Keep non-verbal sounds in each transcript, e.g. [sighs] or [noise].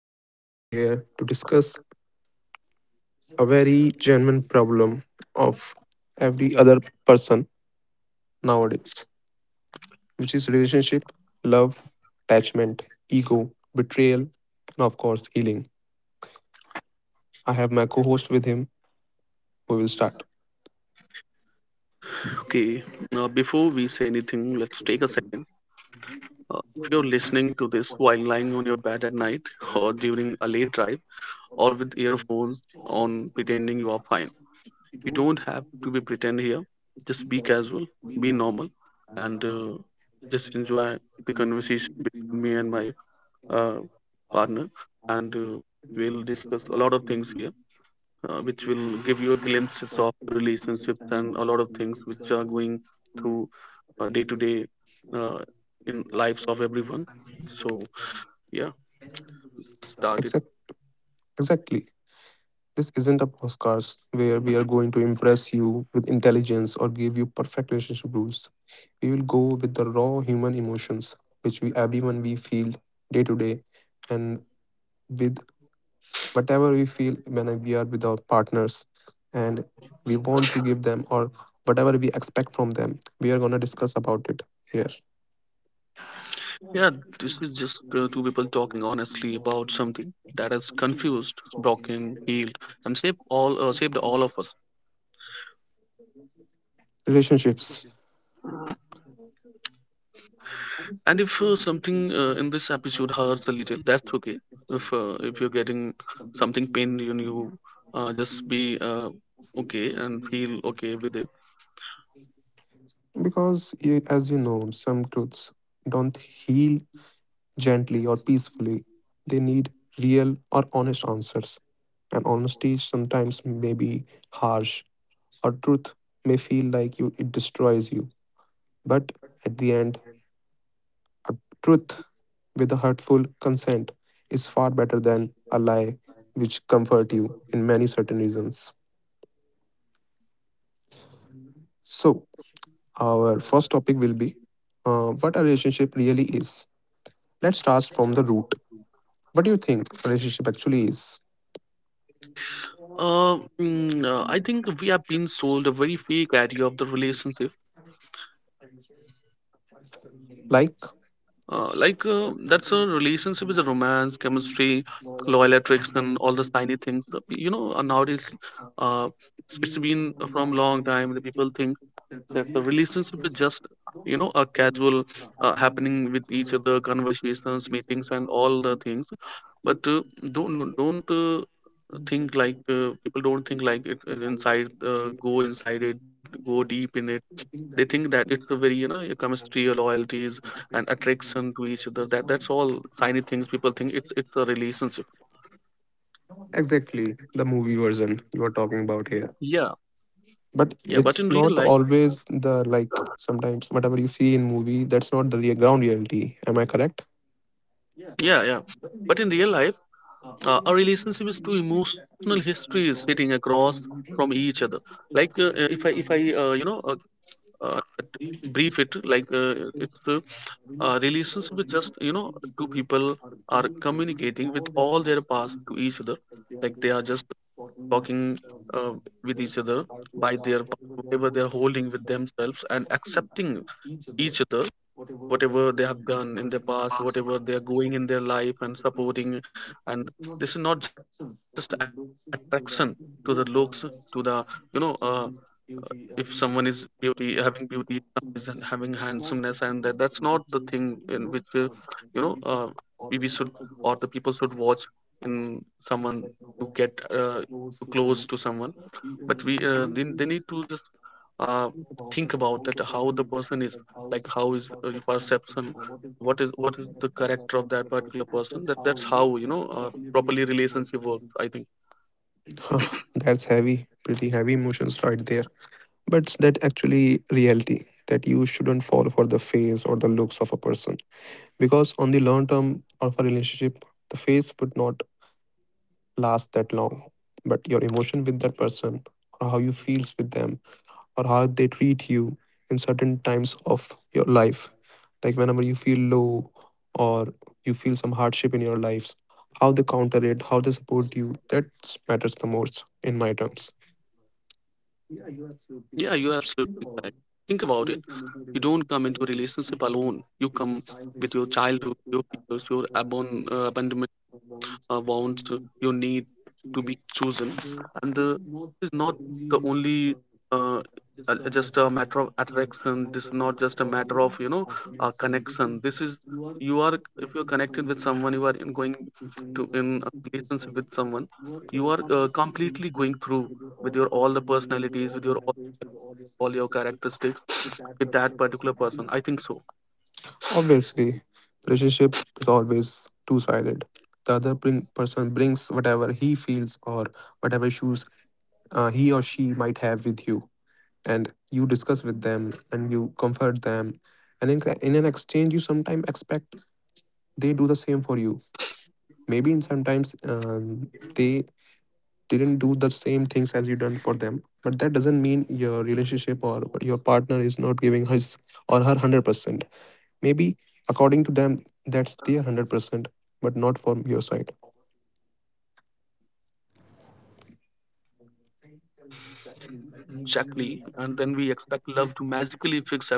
Today we are here to discuss a very genuine problem of every other person nowadays, which is relationship, love, attachment, ego, betrayal, and of course, healing. I have my co host with him. We will start. Okay, before we say anything, let's take a second. If you're listening to this while lying on your bed at night or during a late drive or with earphones on pretending you are fine, you don't have to be pretend here. Just be casual, be normal, and just enjoy the conversation between me and my uh, partner. And we'll discuss a lot of things here, which will give you a glimpse of the relationships and a lot of things which are going through day to day uh, in lives of everyone. So yeah, start it. Exact, exactly. This isn't a podcast where we are going to impress you with intelligence or give you perfect relationship rules. We will go with the raw human emotions, which we everyone we feel day to day, and with whatever we feel when we are with our partners, and we want to give them or whatever we expect from them. We are gonna discuss about it here. Yeah, this is just two people talking honestly about something that has confused, broken, healed, and shaped all of us. Relationships. And if something in this episode hurts a little, that's okay. If you're getting something pain in you, just be okay and feel okay with it Because, as you know, some truths don't heal gently or peacefully. They need real or honest answers. And honesty sometimes may be harsh, or truth may feel like you it destroys you. But at the end, a truth with a hurtful consent is far better than a lie which comfort you in many certain reasons. So our first topic will be what a uh, relationship really is. Let's start from the root. What do you think a relationship actually is? Uh, mm, uh, I think we have been sold a very fake idea of the relationship. Like? Like that's a relationship is a romance, chemistry, loyal attraction, all the shiny things. Nowadays, uh, it's been from long time. The people think that the relationship is just, a casual happening with each other, conversations, meetings, and all the things, but don't uh, think like, people don't think like it, inside, go inside it, go deep in it. They think that it's a very, your chemistry, your loyalties, and attraction to each other, that that's all shiny things. People think it's a relationship. Exactly, the movie version you are talking about here. Yeah, But yeah, but in it's real not life, always the like sometimes whatever you see in movie, that's not the real ground reality. Am I correct? yeah, yeah, but in real life, a relationship is two emotional histories sitting across from each other. Like, if I uh, you know uh, uh, brief it, like, it's a relationship with just, two people are communicating with all their past to each other. Like they are just talking uh, with each other, by their whatever they are holding with themselves, and accepting each other, whatever they have done in their past, whatever they are going in their life, and supporting. And this is not just attraction to the looks, to the, you know, uh, uh, if someone is beauty, having beauty, someone is having handsomeness, and that that's not the thing in which, you know uh, we should, or the people should watch in someone to get too close to someone. But we they need to just uh, think about that how the person is. Like, how is your perception, what is the character of that particular person. That that's how, properly, relationship works, I think. [sighs] That's heavy, pretty heavy emotions right there. But that actually reality that you shouldn't fall for the face or the looks of a person, because on the long term of a relationship the phase would not last that long, but your emotion with that person or how you feels with them or how they treat you in certain times of your life, like whenever you feel low or you feel some hardship in your lives, how they counter it, how they support you, that matters the most in my terms. Yeah, you're absolutely correct. Think about it. You don't come into a relationship alone. You come with your childhood, your fears, your abandonment wants, you need to be chosen, and is not the only, uh, just a matter of attraction. This is not just a matter of, connection. This is, you are, if you're connected with someone, you are in going to in a relationship with someone, you are completely going through with your all the personalities, with all your characteristics, with that particular person, I think so. Obviously relationship is always two-sided. The other person brings whatever he feels or whatever issues he or she might have with you, and you discuss with them and you comfort them, and in an exchange you sometimes expect they do the same for you. Maybe in sometimes they didn't do the same things as you done for them, but that doesn't mean your relationship or your partner is not giving his or her 100%. Maybe according to them that's their 100%, but not from your side. Exactly, and then we expect love to magically fix everything,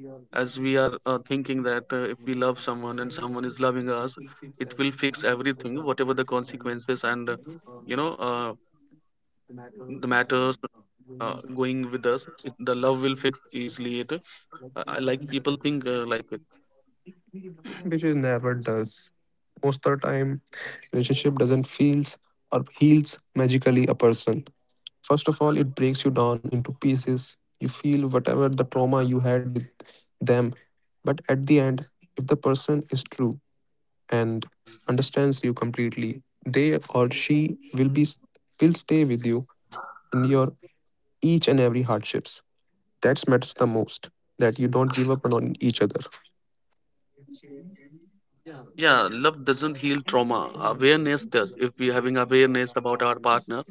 as we are thinking that if we love someone and someone is loving us, it will fix everything, whatever the consequences, and you know uh, the matters going with us, the love will fix easily it. I like people think like it. Which is never does most of the time. Relationship doesn't feels or heals magically a person. First of all, it breaks you down into pieces. You feel whatever the trauma you had with them. But at the end, if the person is true and understands you completely, they or she will stay with you in your each and every hardships. That matters the most. That you don't give up on each other. [sighs] Yeah, love doesn't heal trauma, awareness does. If we having awareness about our partner,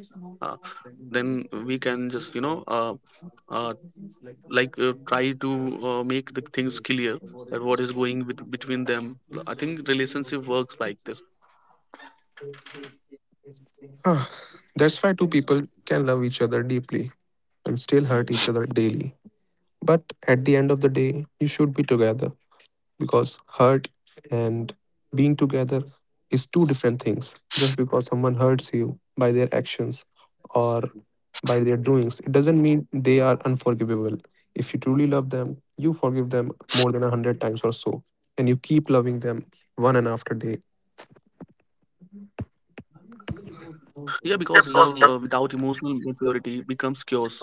uh, then we can just, uh, like, try to make the things clear, that what is going with, between them. I think relationship works like this. Ah, that's why two people can love each other deeply and still hurt each other daily. But at the end of the day, you should be together because hurt and being together is two different things. Just because someone hurts you by their actions or by their doings, it doesn't mean they are unforgivable. If you truly love them, you forgive them more than a hundred times or so, and you keep loving them one and after day. Yeah, because love without emotional maturity becomes chaos.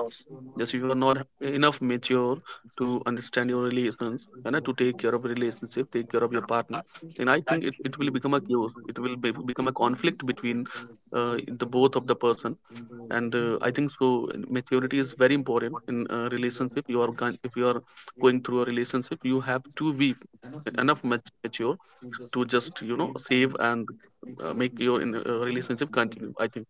Yes, if you are not enough mature to understand your relations, and to take care of a relationship, take care of your partner, then I think it will become a chaos, become a conflict between the both of the person, and I think so. Maturity is very important in a relationship you are going, if you are going through a relationship, you have to be enough mature to just, you know, save and make your relationship continue, I think.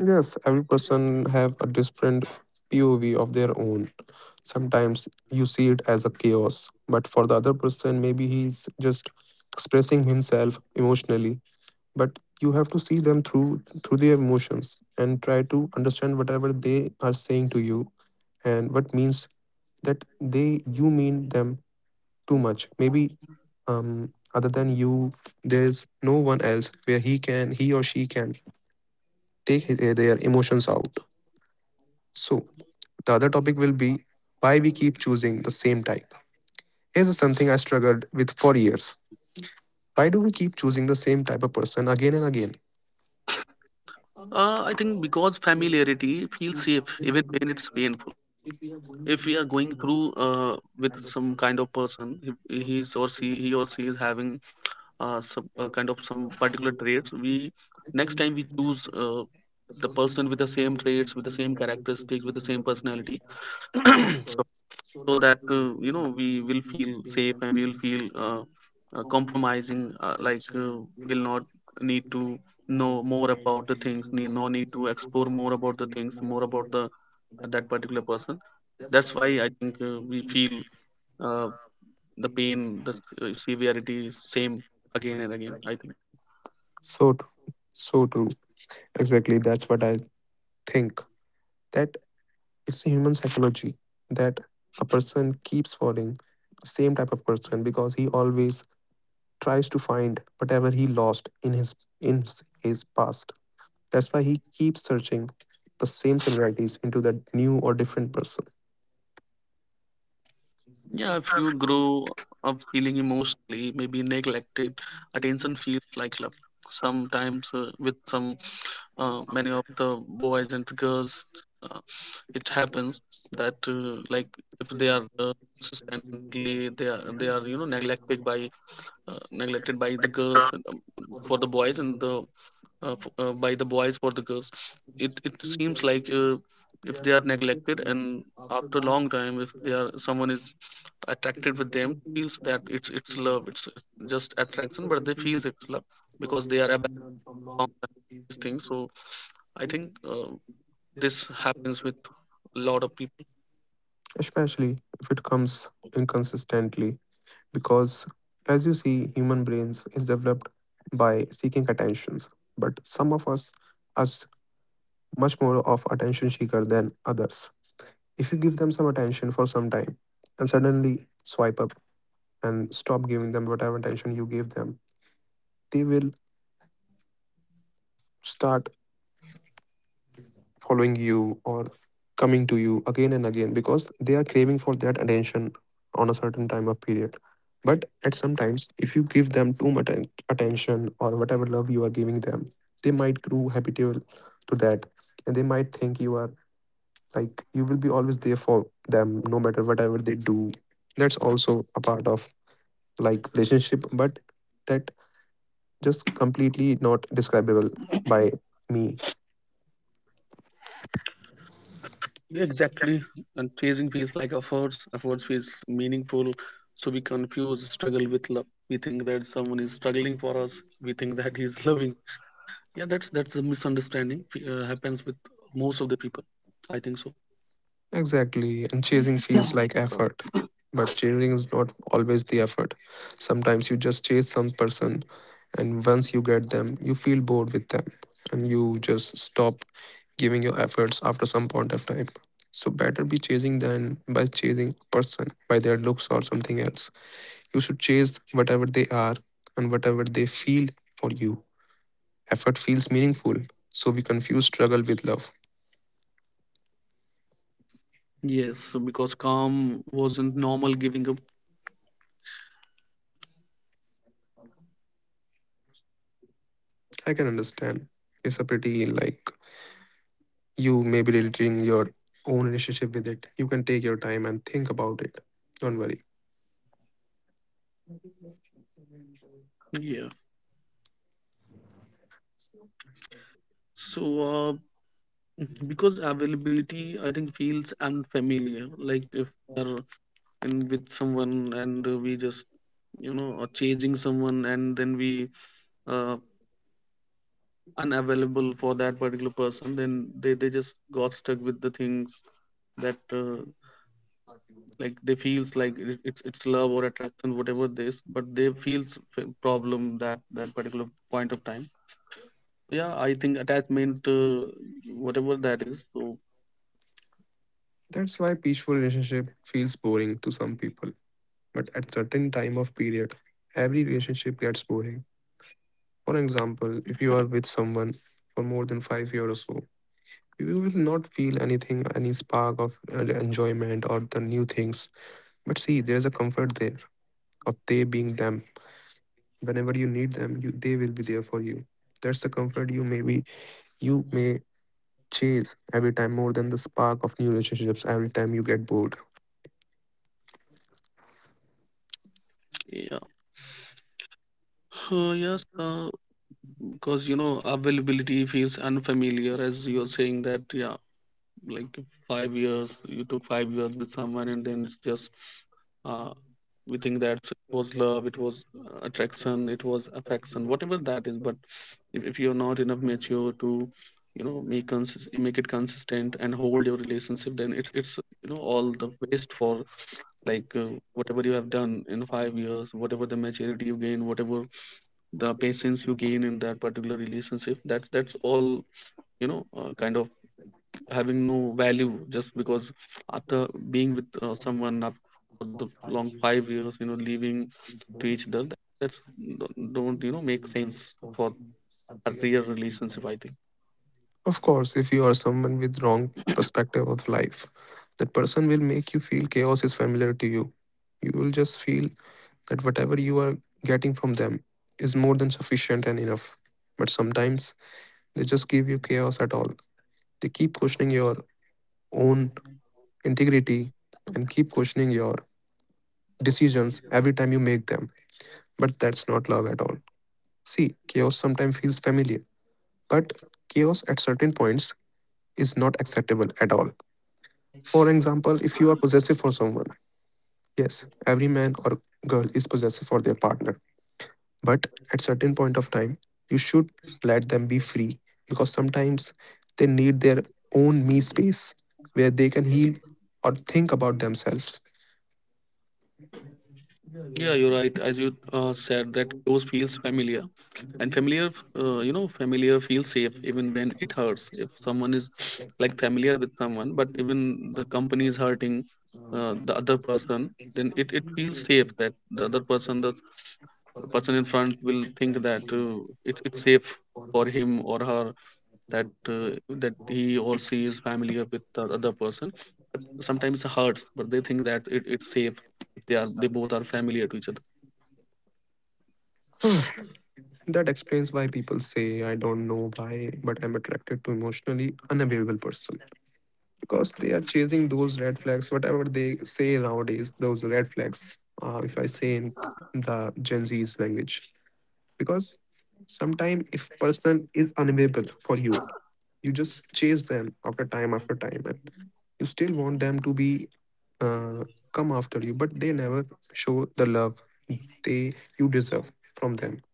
Yes, every person have a different POV of their own. Sometimes you see it as a chaos, but for the other person, maybe he's just expressing himself emotionally. But you have to see them through their emotions and try to understand whatever they are saying to you and what means that they you mean them too much. Maybe other than you, there's no one else where he or she can take their emotions out. So the other topic will be why we keep choosing the same type. Here's something I struggled with for years. Why do we keep choosing the same type of person again and again? I think because familiarity feels safe even when it's painful. If we are going through with some kind of person, he or she is having some kind of some particular traits, we next time we choose the person with the same traits, with the same characteristics, with the same personality. [clears throat] so, so that you know we will feel safe, and we will feel compromising, like, we'll not need to know more about the things, need no need to explore more about the things, more about the that particular person. That's why I think we feel uh, the pain, severity is same again and again, I think. So, tr- so true. Exactly. That's what I think. That it's a human psychology that a person keeps falling the same type of person because he always tries to find whatever he lost in his in his past. That's why he keeps searching the same similarities into that new or different person. Yeah, if you grow up feeling emotionally, maybe neglected, attention feels like love. Sometimes with some many of the boys and the girls, uh, it happens that, like, if they are consistently, they are neglected by, neglected by the girls, and, for the boys, and the by the boys for the girls. It seems like, if they are neglected, and after a long time, if they are someone is attracted with them, feels that it's love, it's just attraction, but they feel it's love because they are about these things. So I think this happens with a lot of people. Especially if it comes inconsistently, because as you see human brains is developed by seeking attentions, but some of us are much more of attention seeker than others. If you give them some attention for some time and suddenly swipe up and stop giving them whatever attention you gave them, they will start following you or coming to you again and again because they are craving for that attention on a certain time of period. But at some times if you give them too much attention or whatever love you are giving them, they might grow habitual to that, and they might think you are like you will be always there for them no matter whatever they do. That's also a part of like relationship, but that just completely not describable by me. Yeah, exactly. And chasing feels like efforts, efforts feels meaningful. So we confuse struggle with love. We think that someone is struggling for us, we think that he's [laughs] loving. Yeah, that's a misunderstanding, happens with most of the people, I think so. Exactly, and chasing feels like effort. But chasing is not always the effort. Sometimes you just chase some person, and once you get them, you feel bored with them, and you just stop giving your efforts after some point of time. So better be chasing than by chasing a person by their looks or something else. You should chase whatever they are and whatever they feel for you. Effort feels meaningful, so we confuse struggle with love. Yes, so because calm wasn't normal, giving up. I can understand. It's a pretty like you may be relating your own relationship with it. You can take your time and think about it. Don't worry. Yeah. So, because availability, I think, feels unfamiliar. Like, if we're in with someone, and we just, are chasing someone, and then we uh, unavailable for that particular person, then they just got stuck with the things that, like, they feels like it's love or attraction, whatever this, but they feels problem that that particular point of time. So yeah, I think attachment, whatever that is. So. That's why peaceful relationship feels boring to some people. But at certain time of period, every relationship gets boring. For example, if you are with someone for more than 5 years or so, you will not feel anything, any spark of enjoyment or the new things. But see, there's a comfort there of they being them. Whenever you need them, they will be there for you. That's the comfort you may chase every time more than the spark of new relationships every time you get bored. Yeah. Yes, because availability feels unfamiliar, as you're saying that, yeah, like 5 years you took 5 years with someone, and then it's just uh, we think that it was love, it was attraction, it was affection, whatever that is. But if you're not enough mature to, make it consistent and hold your relationship, then it's all the waste for, like, whatever you have done in 5 years, whatever the maturity you gain, whatever the patience you gain in that particular relationship. That's all, kind of, having no value, just because after being with someone up for the long 5 years, leaving to each other. That's don't make sense for a real relationship, I think. Of course, if you are someone with wrong perspective of life, that person will make you feel chaos is familiar to you. You will just feel that whatever you are getting from them is more than sufficient and enough. But sometimes they just give you chaos at all. They keep questioning your own integrity and keep questioning your decisions every time you make them. But that's not love at all. See, chaos sometimes feels familiar. But chaos at certain points is not acceptable at all. For example, if you are possessive for someone, yes, every man or girl is possessive for their partner. But at certain point of time, you should let them be free because sometimes they need their own me space where they can heal or think about themselves. [sighs] Yeah, you're right. As you said, that close feels familiar, and familiar, familiar feels safe even when it hurts. If someone is [sniffs] like familiar with someone, but even the company is hurting the other person, then it feels safe that the other person, the person in front, will think that, it's safe for him or her, that that he or she is familiar with the other person. Sometimes it hurts, but they think that it's safe if they both are familiar to each other. Huh, that explains why people say I don't know why, but I'm attracted to emotionally unavailable person. Because they are chasing those red flags, whatever they say nowadays, those red flags, if I say in the Gen Z's language. Because sometime if person is unavailable for you, you just chase them after time, and you still want them to be uh, come after you, but they never show the love they you deserve from them.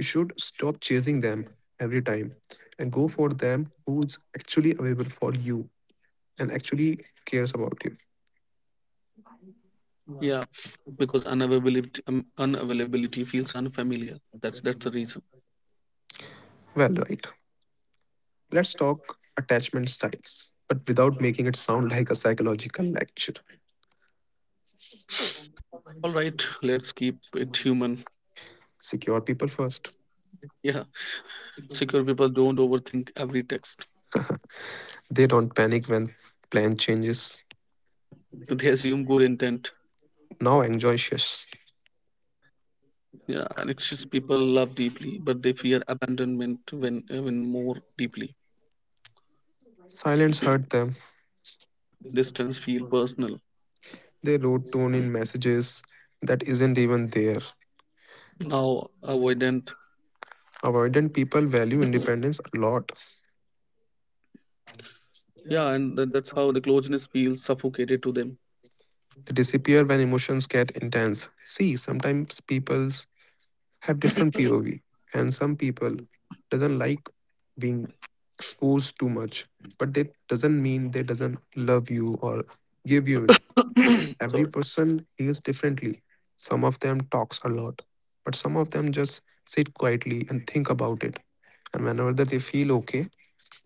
You should stop chasing them every time and go for them who's actually available for you and actually cares about you. Yeah, because unavailability unavailability feels unfamiliar. That's the reason. Well, right. Let's talk attachment styles, but without making it sound [laughs] like a psychological lecture. All right, let's keep it human. Secure people first. Yeah, secure people don't overthink every text. They don't panic when plan changes. They assume good intent. Now anxious. Yeah, and anxious people love deeply, but they fear abandonment when even more deeply. Silence hurt them. Distance feel personal. They wrote tone in messages that isn't even there. Now avoidant. Avoidant people value independence a lot. Yeah, and that's how the closeness feels suffocated to them. They disappear when emotions get intense. See, sometimes people have different POV, and some people doesn't like being exposed too much, but that doesn't mean they doesn't love you or give you it. [clears throat] Sorry. Every person heals differently. Some of them talks a lot, but some of them just sit quietly and think about it, and whenever that they feel okay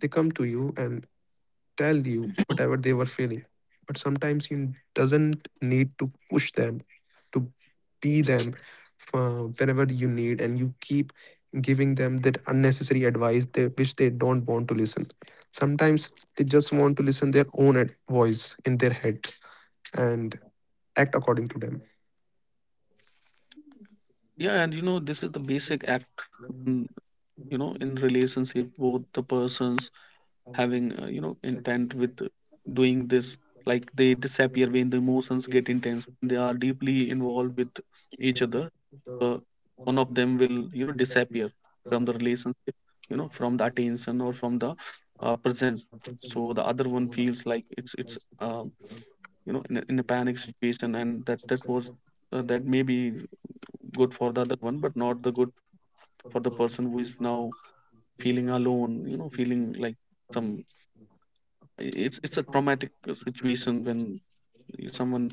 they come to you and tell you whatever they were feeling. But sometimes you doesn't need to push them to be them whenever you need, and you keep giving them that unnecessary advice which they don't want to listen. Sometimes they just want to listen their own voice in their head and act according to them. Yeah, and you know, this is the basic act in, you know, in relationship both the persons having you know, intent with doing this. Like, they disappear when the emotions get intense, they are deeply involved with each other. uh, One of them will, you know, disappear from the relationship, you know, from the attention or from the presence. So the other one feels like it's you know, in a panic situation, and that was that may be good for the other one, but not the good for the person who is now feeling alone, you know, feeling like some, it's a traumatic situation when someone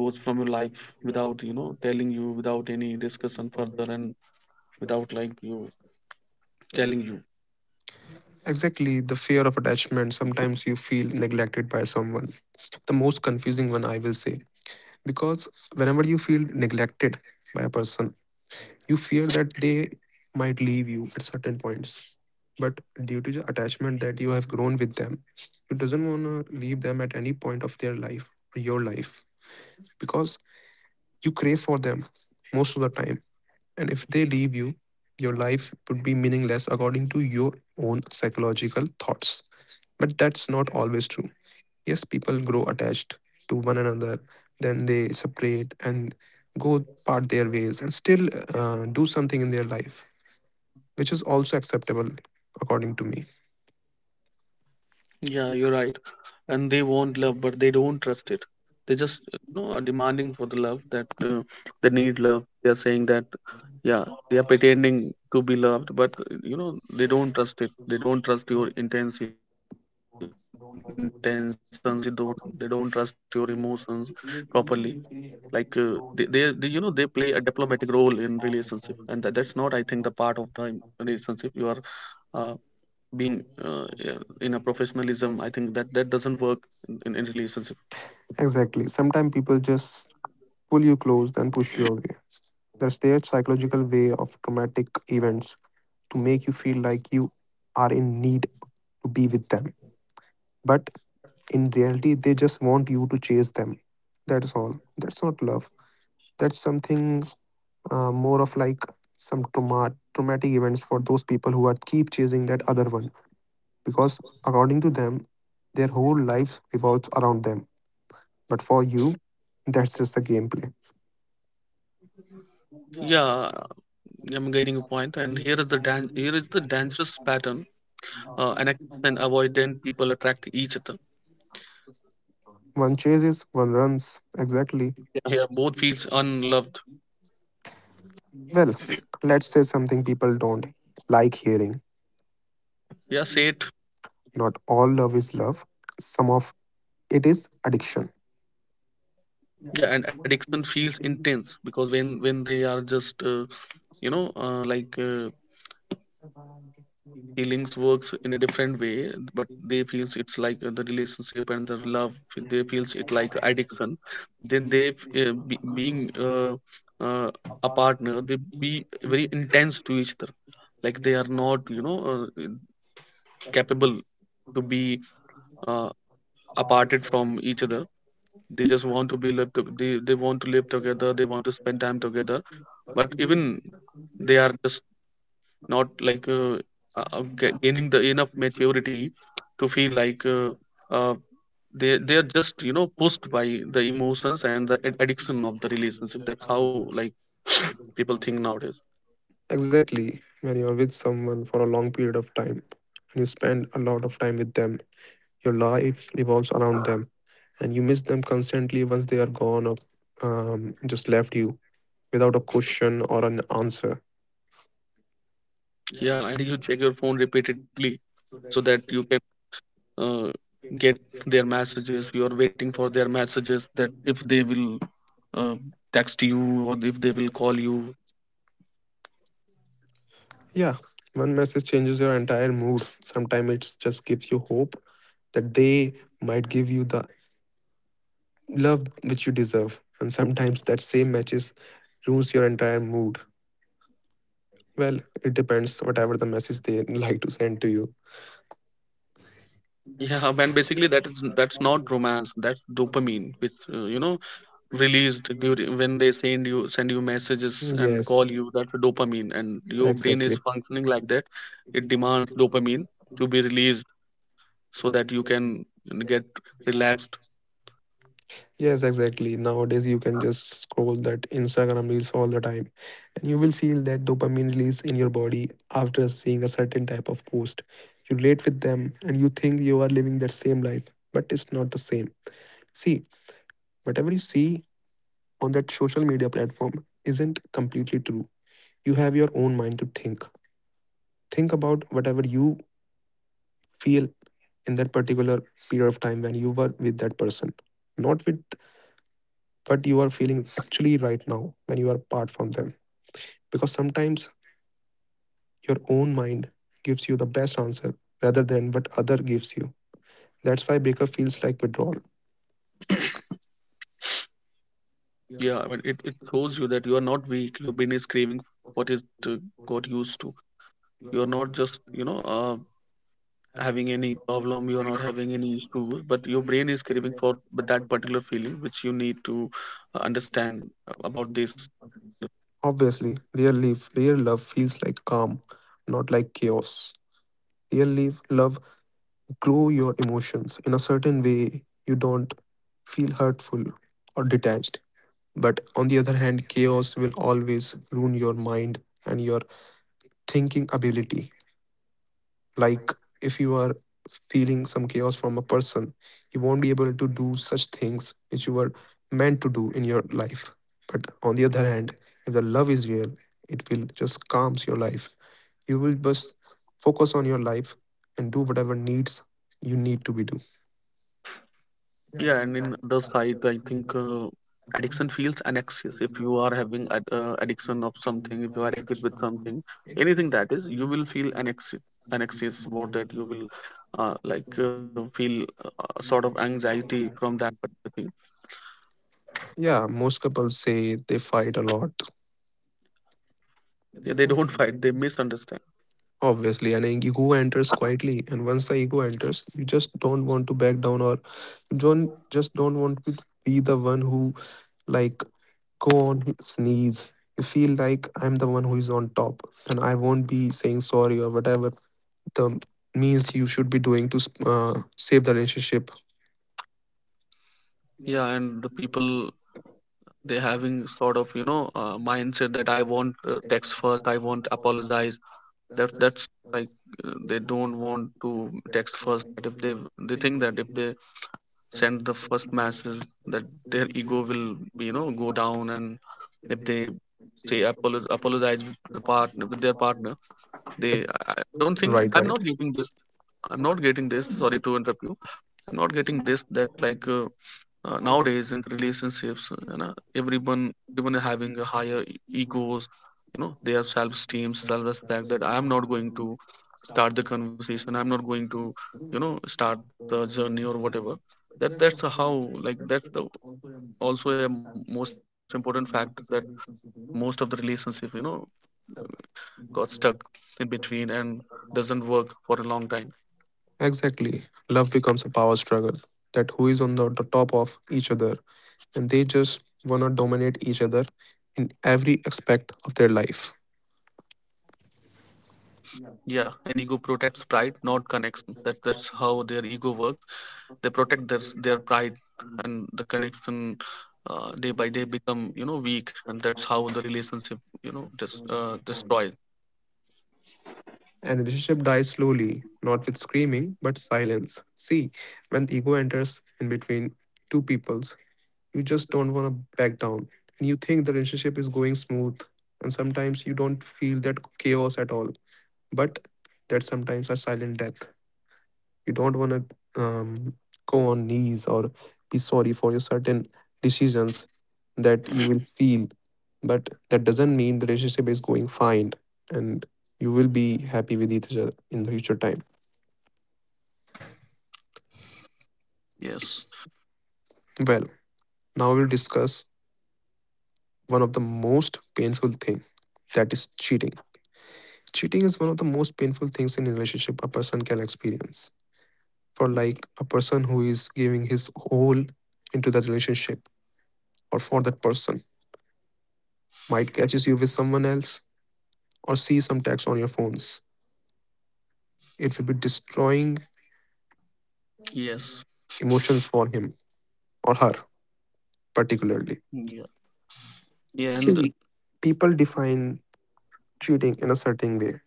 goes from your life without, you know, telling you, without any discussion further, and without like you telling you. Exactly, the fear of attachment. Sometimes you feel neglected by someone. The most confusing one, I will say. Because whenever you feel neglected by a person, you fear that they might leave you at certain points. But due to the attachment that you have grown with them, you doesn't want to leave them at any point of their life or your life because you crave for them most of the time. And if they leave you, your life would be meaningless according to your own psychological thoughts. But that's not always true. Yes, people grow attached to one another, then they separate and go part their ways and still do something in their life, which is also acceptable according to me. Yeah, you're right. And they want love, but they don't trust it. They just you know, are demanding for the love that they need love. They are saying that, yeah, they are pretending to be loved, but you know, they don't trust it. They don't trust your intentions. You don't, they don't trust your emotions properly. Like they you know, they play a diplomatic role in relationship, and that's not, I think, the part of the relationship. You are uh, being yeah, in a professionalism. I think that that doesn't work in relationship. Exactly. Sometimes people just pull you close, then push you away. That's their psychological way of traumatic events to make you feel like you are in need to be with them. But in reality, they just want you to chase them. That is all. That's not love. That's something more of like some traumatic events for those people who are keep chasing that other one, because according to them, their whole life revolves around them. But for you, that's just the gameplay. Yeah, I'm getting a point. And here is the here is the dangerous pattern, and and avoidant people attract each other. One chases, one runs. Exactly. Yeah, yeah, both feels unloved. Well, let's say something people don't like hearing. Yeah, say it. Not all love is love, some of it is addiction. Yeah, and addiction feels intense because when they are just you know, like, feelings works in a different way, but they feels it's like the relationship and the love they feels it like addiction. Then they being uh, a partner, they be very intense to each other. Like, they are not, you know, uh, capable to be uh, aparted from each other. They just want to be lived. They want to live together, they want to spend time together, but even they are just not like gaining the enough maturity to feel like uh, they are just, you know, pushed by the emotions and the addiction of the relationship. That's how like [sniffs] people think nowadays. Exactly. When you're with someone for a long period of time and you spend a lot of time with them, your life revolves around them, and you miss them constantly once they are gone or just left you without a question or an answer. Yeah, and you check your phone repeatedly so that you can uh, get their messages. You are waiting for their messages that if they will uh, text you or if they will call you. Yeah, one message changes your entire mood. Sometimes it just gives you hope that they might give you the love which you deserve, and sometimes that same message ruins your entire mood. Well, it depends whatever the message they [laughs] like to send to you. Yeah, and basically that is, that's not romance. That's dopamine, which you know, released during when they send you messages and Yes, call you. That's dopamine, and your brain is exactly. functioning like that. It demands dopamine to be released so that you can get relaxed. Yes, exactly. Nowadays, you can just scroll that Instagram reels all the time, and you will feel that dopamine release in your body after seeing a certain type of post. You relate with them, and you think you are living that same life, but it's not the same. See, whatever you see on that social media platform isn't completely true. You have your own mind to think. Think about whatever you feel in that particular period of time when you were with that person, not with what you are feeling actually right now when you are apart from them, because sometimes your own mind gives you the best answer rather than what other gives you. That's why breakup feels like withdrawal. Yeah, I mean, it shows you that you are not weak. Your brain is craving what it uh, got used to. You are not just, you know, having any problem. You are not having any issue, but your brain is craving for that particular feeling, which you need to understand about this. Obviously, real love feels like calm, not like chaos. Real love, love grow your emotions in a certain way. You don't feel hurtful or detached. But on the other hand, chaos will always ruin your mind and your thinking ability. Like if you are feeling some chaos from a person, you won't be able to do such things which you were meant to do in your life. But on the other hand, if the love is real, it will just calms your life. You will just focus on your life and do whatever needs you need to be do. Yeah, and in the side, I think addiction feels an excess. If you are having addiction of something, if you are addicted with something, anything that is, you will feel an excess. An excess, what that you will like feel sort of anxiety from that particular thing. Yeah, most couples say they fight a lot. Yeah, they don't [laughs] fight; they misunderstand. Obviously, an ego enters quietly, and once the ego enters, you just don't want to back down, or you don't just don't want to be the one who like go on sneeze. You feel like I'm the one who is on top, and I won't be saying sorry or whatever the means you should be doing to save the relationship. Yeah, and the people, they having sort of, you know, mindset that I want text first, I want apologize. That that's like they don't want to text first, that if they, they think that if they send the first message, that their ego will, you know, go down. And if they say apologize with the partner, with their partner, they, I don't think that, Right, I'm right. not getting this. I'm not getting this, sorry to interrupt you. I'm not getting this, that like nowadays in the relationships, you know, everyone even having a higher egos. You know, they have self-esteem, self-respect, that I am not going to start the conversation. I'm not going to, you know, start the journey or whatever. That that's the how, like, that's the also a most important fact that most of the relationship, you know, got stuck in between and doesn't work for a long time. Exactly. Love becomes a power struggle that who is on the top of each other, and they just wanna dominate each other in every aspect of their life. Yeah, and ego protects pride, not connection. That that's how their ego works. They protect their pride, and the connection day by day become, you know, weak, and that's how the relationship, you know, just destroyed. And relationship dies slowly, not with screaming, but silence. See, when the ego enters in between two peoples, you just don't want to back down, and you think the relationship is going smooth and sometimes you don't feel that chaos at all, but that's sometimes a silent death. You don't want to go on knees or be sorry for your certain decisions that you will feel, but that doesn't mean the relationship is going fine and you will be happy with each other in the future time. Yes. Well, now we'll discuss one of the most painful thing, that is cheating. Cheating is one of the most painful things in a relationship a person can experience. For like a person who is giving his whole into that relationship, or for that person might catches you with someone else or see some text on your phones. It will be destroying Yes. emotions for him or her particularly. Yeah. Yeah, and See, people define cheating in a certain way,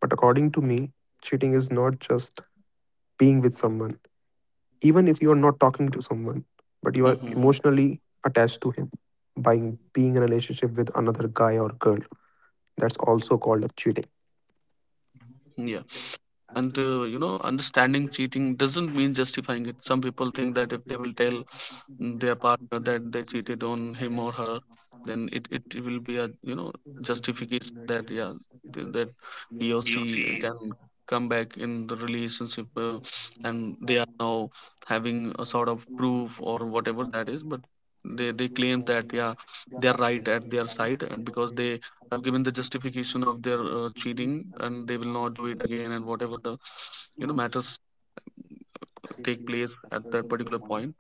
but according to me, cheating is not just being with someone. Even if you are not talking to someone but you are hmm. emotionally attached to him by being in a relationship with another guy or girl, that's also called a cheating. Yeah, and you know, understanding cheating doesn't mean justifying it. Some people think that if they will tell their partner that they cheated on him or her, then it will be a, you know, justification that, yeah, that he or she can come back in the relationship, and they are now having a sort of proof or whatever that is. But they claim that, yeah, they are right at their side, and because they have given the justification of their cheating, and they will not do it again, and whatever the, you know, matters take place at that particular point.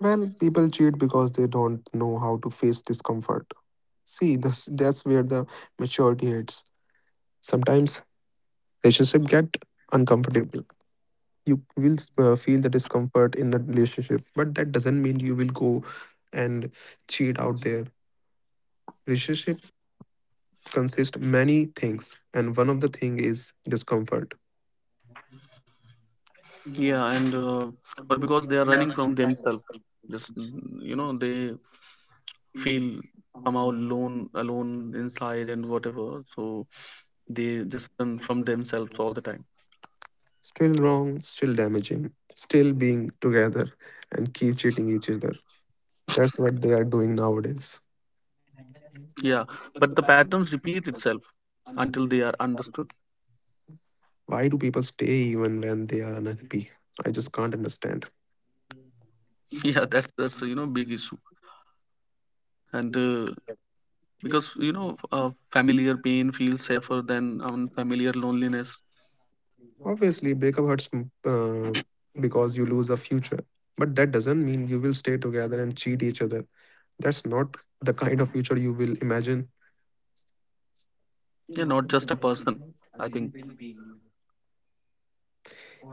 Well, people cheat because they don't know how to face discomfort. See, that's where the maturity hits. Sometimes relationship get uncomfortable. You will feel the discomfort in the relationship, but that doesn't mean you will go and cheat out there. Relationship consists many things, and one of the thing is discomfort. Yeah, and or because they are running from themselves. Just you know, they feel somehow alone inside and whatever. So they just run from themselves all the time. Still wrong, still damaging, still being together and keep cheating each other. That's what they are doing nowadays. Yeah, but the patterns repeat itself until they are understood. Why do people stay even when they are unhappy? I just can't understand. [laughs] Yeah, that's, you know, big issue. And because, you know, familiar pain feels safer than unfamiliar loneliness. Obviously, breakup hurts because you lose a future, but that doesn't mean you will stay together and cheat each other. That's not the kind of future you will imagine. Yeah, not just a person, I think.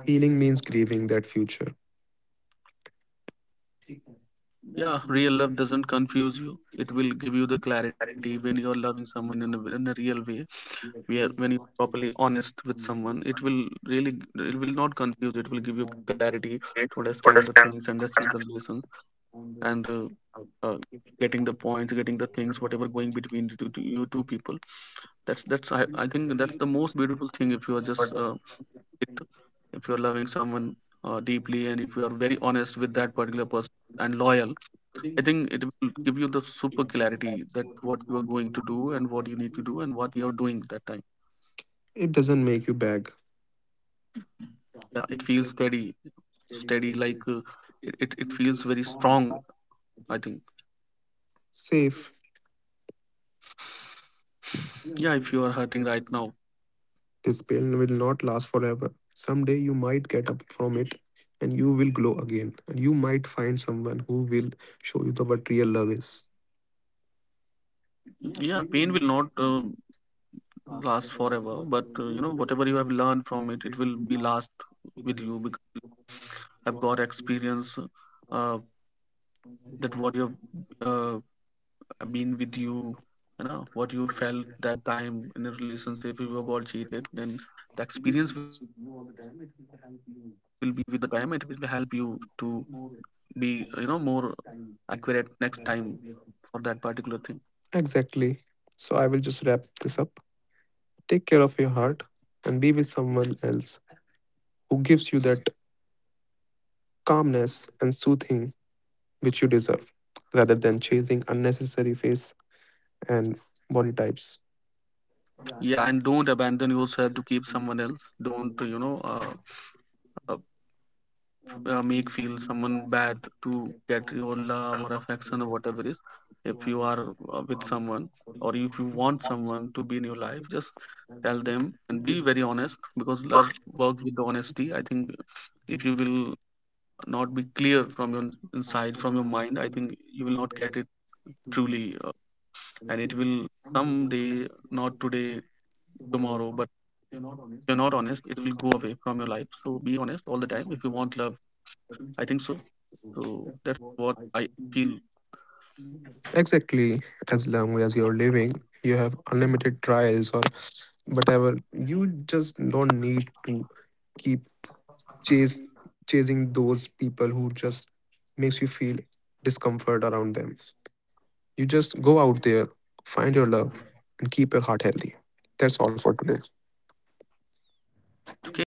Healing means grieving that future. Yeah, real love doesn't confuse you. It will give you the clarity when you're loving someone in a real way. Where when you're properly honest with someone, it will really it will not confuse. It will give you clarity to understand the things, understand the relations, and uh, getting the points, getting the things, whatever going between the you two people. That's, I think that's the most beautiful thing. If you are just it, if you're loving someone deeply, and if you are very honest with that particular person and loyal, I think it will give you the super clarity that what you are going to do, and what you need to do, and what you're doing that time. It doesn't make you beg. Yeah, it feels steady. Like it, it, it feels very strong, I think. Safe. Yeah, if you are hurting right now, This pain will not last forever. Someday you might get up from it and you will glow again. And you might find someone who will show you the what real love is. yeah, pain will not last forever. But you know, whatever you have learned from it, it will be last with you, because I've got experience uh, that what you've uh, been with you, you know, what you felt that time in a relationship. If you got cheated, then the experience will be with you all the time. It will help you to be, you know, more accurate next time for that particular thing. Exactly. So I will just wrap this up. Take care of your heart and be with someone else who gives you that calmness and soothing which you deserve, rather than chasing unnecessary face and body types. Yeah, and don't abandon yourself to keep someone else. Don't, you know, uh, make feel someone bad to get your love or affection or whatever is. If you are with someone, or if you want someone to be in your life, just tell them and be very honest, because love works with honesty, I think. If you will not be clear from your inside, from your mind, I think you will not get it truly, and it will someday, not today, tomorrow, but if you're not honest, it will go away from your life. So be honest all the time if you want love, I think so. So that's what I feel. Exactly. As long as you're living, you have unlimited trials or whatever. You just don't need to keep chase chasing those people who just makes you feel discomfort around them. You just go out there, find your love, and keep your heart healthy. That's all for today. Okay.